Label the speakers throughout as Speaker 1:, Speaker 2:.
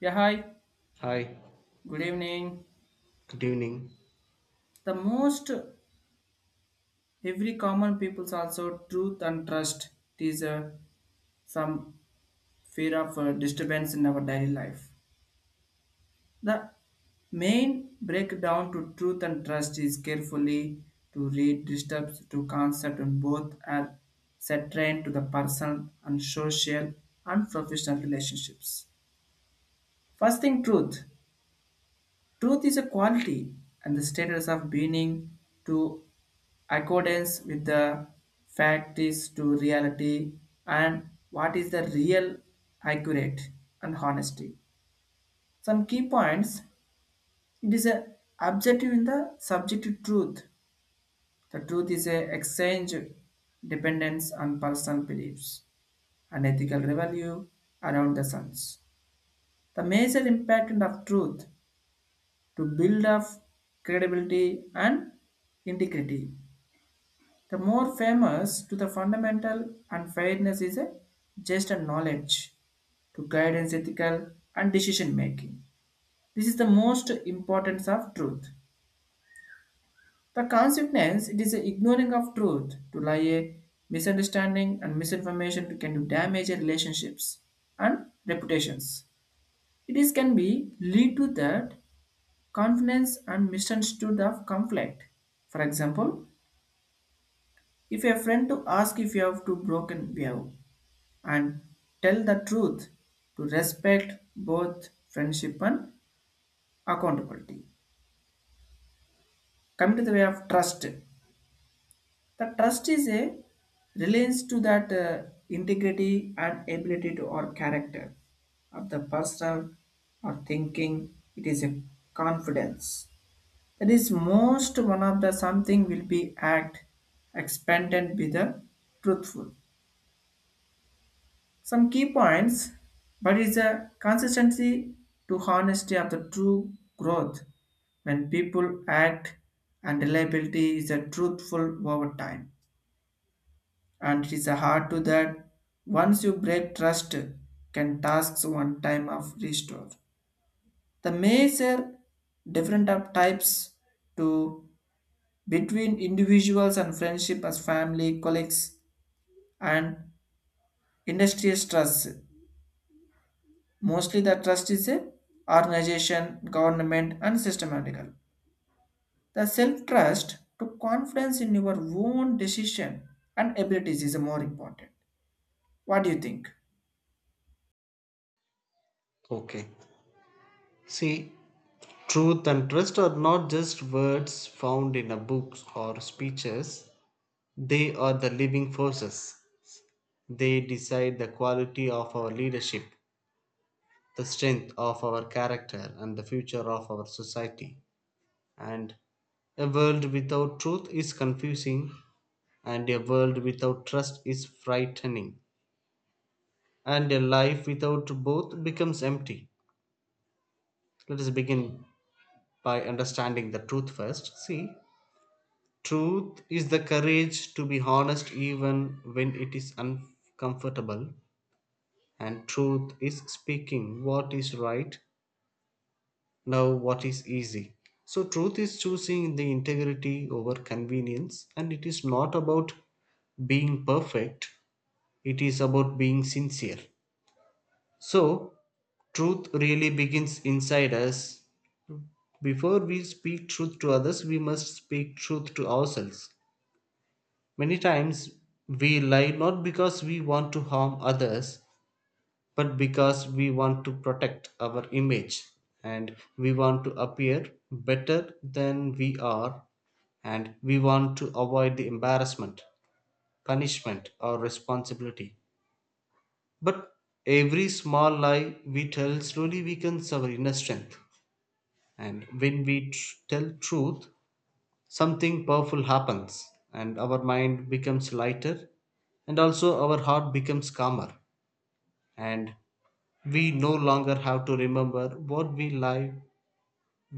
Speaker 1: Yeah, hi.
Speaker 2: Hi,
Speaker 1: Good evening.
Speaker 2: good evening.
Speaker 1: The most every common people's also truth and trust. It is some fear of disturbance in our daily life. The main breakdown to truth and trust is carefully to read disturbs to concept and both are set trained to the person and social and professional relationships. First thing, truth. Truth is a quality and the status of being to accordance with the fact is to reality and what is the real accurate and honesty, some key points. It is a objective in the subjective truth. The truth is a exchange dependence on personal beliefs and ethical value around the suns. The major impact of truth to build up credibility and integrity. The more famous to the fundamental unfairness is a just a knowledge to guidance ethical and decision making. This is the most importance of truth. The consequence it is the ignoring of truth to lie a misunderstanding and misinformation can do damage in relationships and reputations. It is can be lead to that confidence and misunderstood of conflict. For example, if a friend to ask if you have to broken behave and tell the truth to respect both friendship and accountability. Coming to the way of trust, the trust is a relates to that integrity and ability to or character of the person or thinking. It is a confidence that is most one of the something will be act expanded with the truthful, some key points, but is a consistency to honesty of the true growth when people act and reliability is a truthful over time. And it is a hard to that once you break trust can tasks one time of restore. The major different of types to between individuals and friendship as family, colleagues and industrial stress. Mostly the trust is a organization, government, and systematical. The self-trust to confidence in your own decision and abilities is more important. What do you think?
Speaker 2: Okay. See, truth and trust are not just words found in a books or speeches. They are the living forces. They decide the quality of our leadership, the strength of our character, and the future of our society. And a world without truth is confusing, and a world without trust is frightening, and a life without both becomes empty. Let us begin by understanding the truth first. See, truth is the courage to be honest even when it is uncomfortable, and truth is speaking what is right, now what is easy. So, truth is choosing the integrity over convenience, and it is not about being perfect, it is about being sincere. So, truth really begins inside us. Before we speak truth to others, we must speak truth to ourselves. Many times we lie not because we want to harm others, but because we want to protect our image, and we want to appear better than we are, and we want to avoid the embarrassment, punishment, or responsibility. But every small lie we tell slowly weakens our inner strength, and when we tell truth, something powerful happens and our mind becomes lighter and also our heart becomes calmer and we no longer have to remember what we lie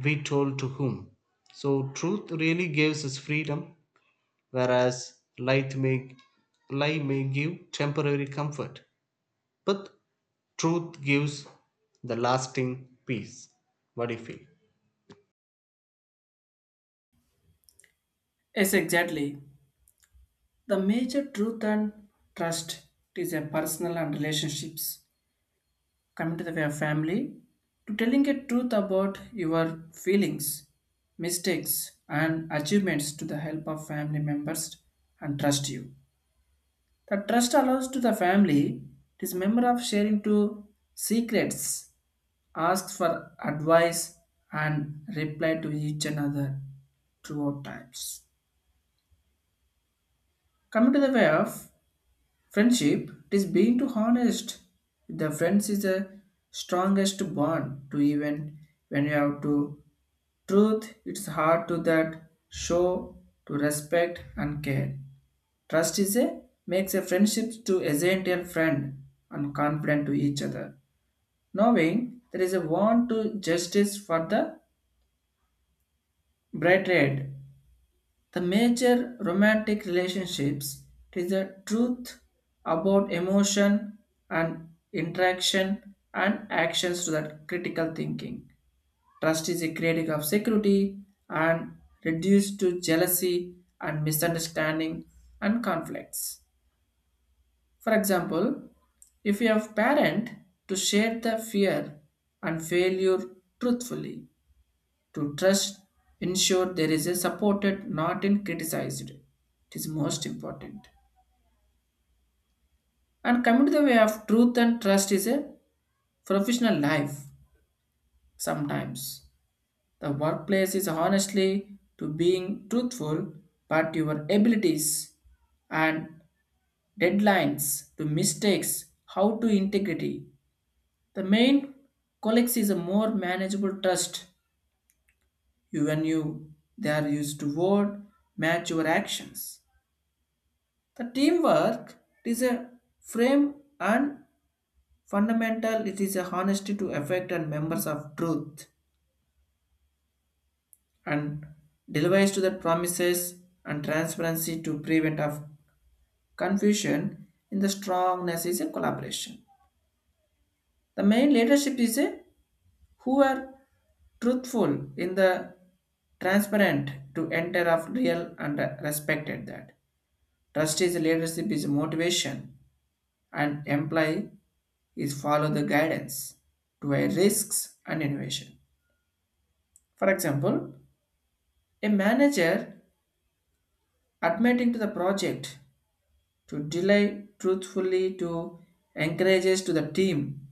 Speaker 2: we told to whom. So truth really gives us freedom, whereas light may, lie may give temporary comfort, but truth gives the lasting peace. What do you feel?
Speaker 1: Yes, exactly. The major truth and trust is a personal and relationships. Coming to the way of family, to telling a truth about your feelings, mistakes, and achievements to the help of family members and trust you. The trust allows to the family, it is member of sharing to secrets, asks for advice and reply to each another throughout times. Coming to the way of friendship, it is being too honest. The friends is the strongest bond to even when you have to truth, it's hard to that show to respect and care. Trust is a makes a friendship to essential friend and confident to each other, knowing there is a want to justice for the bright red. The major romantic relationships is the truth about emotion and interaction and actions to that critical thinking. Trust is a critic of security and reduced to jealousy and misunderstanding and conflicts. For example, if you have parent to share the fear and failure truthfully. To trust, ensure there is a supported, not in criticized. It is most important. And coming to the way of truth and trust is a professional life. Sometimes the workplace is honestly to being truthful, but your abilities and deadlines to mistakes, how to integrity. The main colleagues is a more manageable trust. You when you they are used to word match your actions. The teamwork is a frame and fundamental it is a honesty to affect and members of truth and deliveries to the promises and transparency to prevent of confusion in the strongness is a collaboration. The main leadership is a who are truthful in the transparent to enter of real and respected that. Trust is leadership is motivation and employ is follow the guidance to a risks and innovation. For example, a manager admitting to the project to delay truthfully to encourages to the team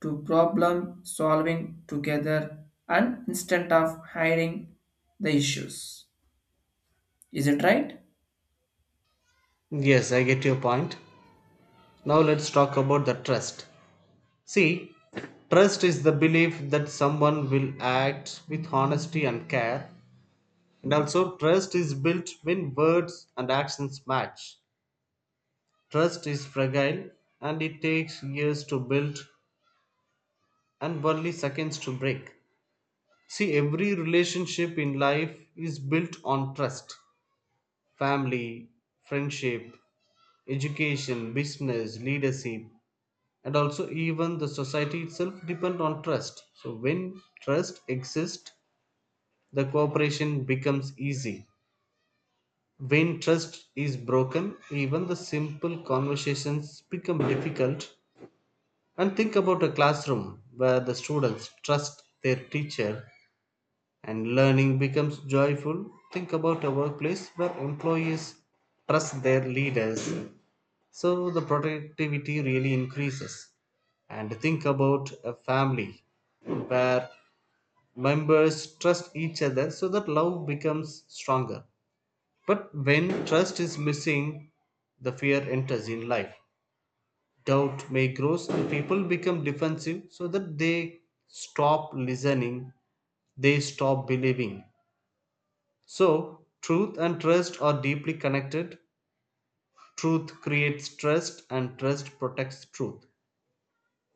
Speaker 1: to problem solving together and instead of hiding the issues. Is it right?
Speaker 2: Yes, I get your point. Now let's talk about the trust. See, trust is the belief that someone will act with honesty and care. And also, trust is built when words and actions match. Trust is fragile and it takes years to build and only seconds to break. See, every relationship in life is built on trust: family, friendship, education, business, leadership, and also even the society itself depend on trust. So, when trust exists, the cooperation becomes easy. When trust is broken, even the simple conversations become difficult. And think about a classroom where the students trust their teacher and learning becomes joyful. Think about a workplace where employees trust their leaders. So the productivity really increases. And think about a family where members trust each other so that love becomes stronger. But when trust is missing, the fear enters in life. Doubt may grow, and people become defensive so that they stop listening, they stop believing. So, truth and trust are deeply connected. Truth creates trust, and trust protects truth.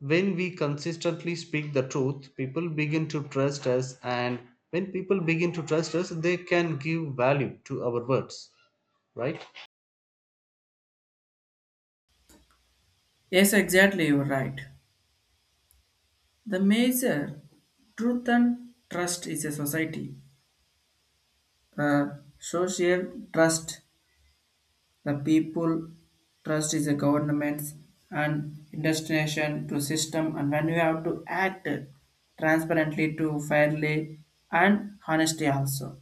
Speaker 2: When we consistently speak the truth, people begin to trust us, and when people begin to trust us, they can give value to our words, right?
Speaker 1: Yes, exactly, you're right. The major truth and trust is a society. The social trust. The people trust is the governments and destination to system and when you have to act transparently to fairly and honesty also.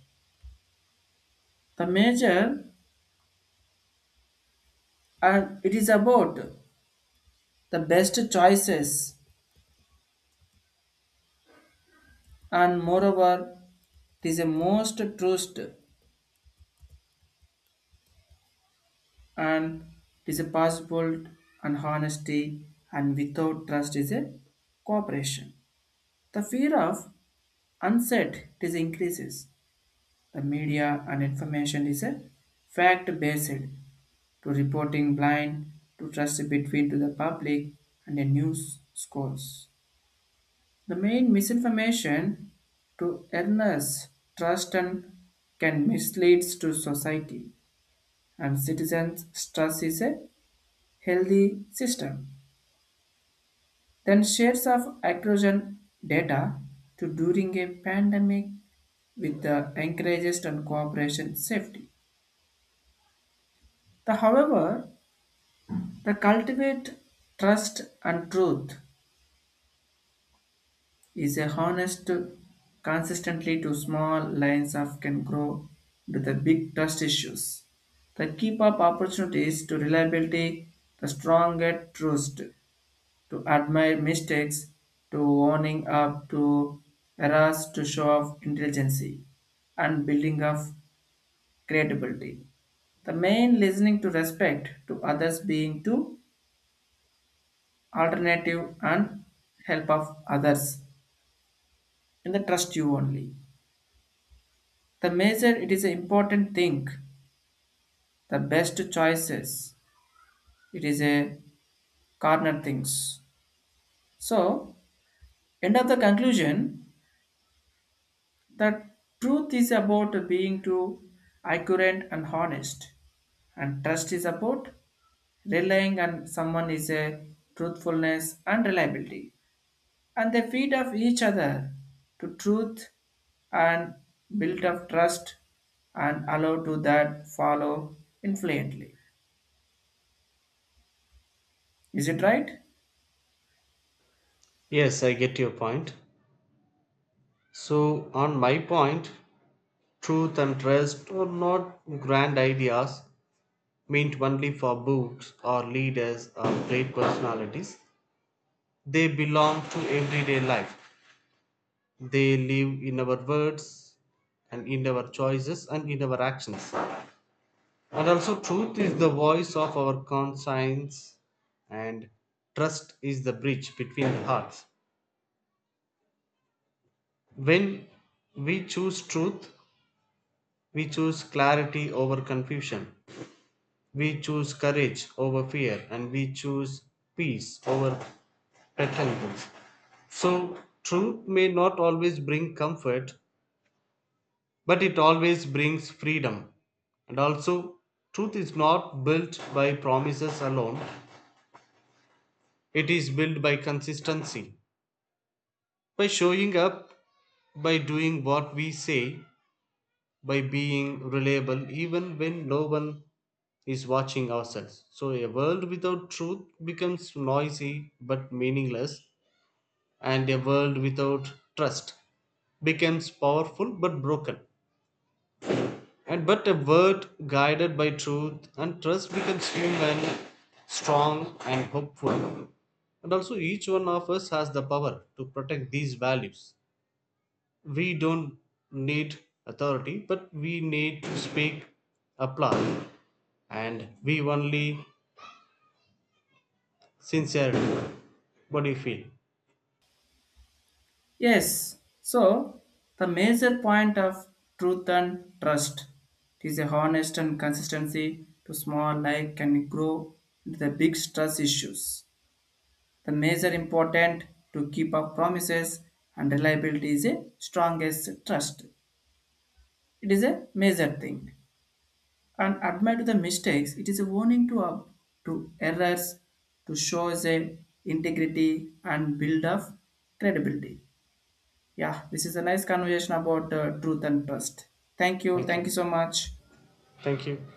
Speaker 1: The major and it is about the best choices and moreover it is a most trust and it is a possible and honesty and without trust is a cooperation. The fear of unset it is increases. The media and information is a fact-based to reporting blind to trust between to the public and the news scores. The main misinformation to earnest trust and can mislead to society and citizens trust is a healthy system. Then shares of accurate data to during a pandemic with the encourages and cooperation safety. The, however, the cultivate trust and truth is a honest consistently to small lines of can grow to the big trust issues. The keep up opportunities to reliability, the stronger trust to admire mistakes, to owning up to errors to show of intelligence and building of credibility. The main listening to respect to others being to alternative and help of others in the trust you only the major it is an important thing, the best choices, it is a corner things. So, end of the conclusion, the truth is about being too accurate and honest and trust is about relying on someone is a truthfulness and reliability and they feed off each other to truth and build up trust and allow to that follow influently. Is it right?
Speaker 2: Yes, I get your point. So, on my point, truth and trust are not grand ideas meant only for books or leaders or great personalities. They belong to everyday life. They live in our words and in our choices and in our actions. And also, truth is the voice of our conscience, and trust is the bridge between the hearts. When we choose truth, we choose clarity over confusion. We choose courage over fear, and we choose peace over pretenders. So, truth may not always bring comfort, but it always brings freedom. And also, truth is not built by promises alone, it is built by consistency, by showing up, by doing what we say, by being reliable even when no one is watching ourselves. So, a world without truth becomes noisy but meaningless, and a world without trust becomes powerful but broken. And but a world guided by truth and trust becomes human, strong, and hopeful. And also, each one of us has the power to protect these values. We don't need authority, but we need to speak, applaud, and we only sincerely body feel.
Speaker 1: Yes. So the major point of truth and trust is a honest and consistency to small life can grow into the big stress issues. The major important to keep up promises and reliability is a strongest trust. It is a major thing. And admit the mistakes. It is a warning to up to errors to show the integrity and build of credibility. Yeah, this is a nice conversation about truth and trust. Thank you.
Speaker 2: Thank
Speaker 1: Thank you
Speaker 2: you.
Speaker 1: so much.
Speaker 2: Thank you.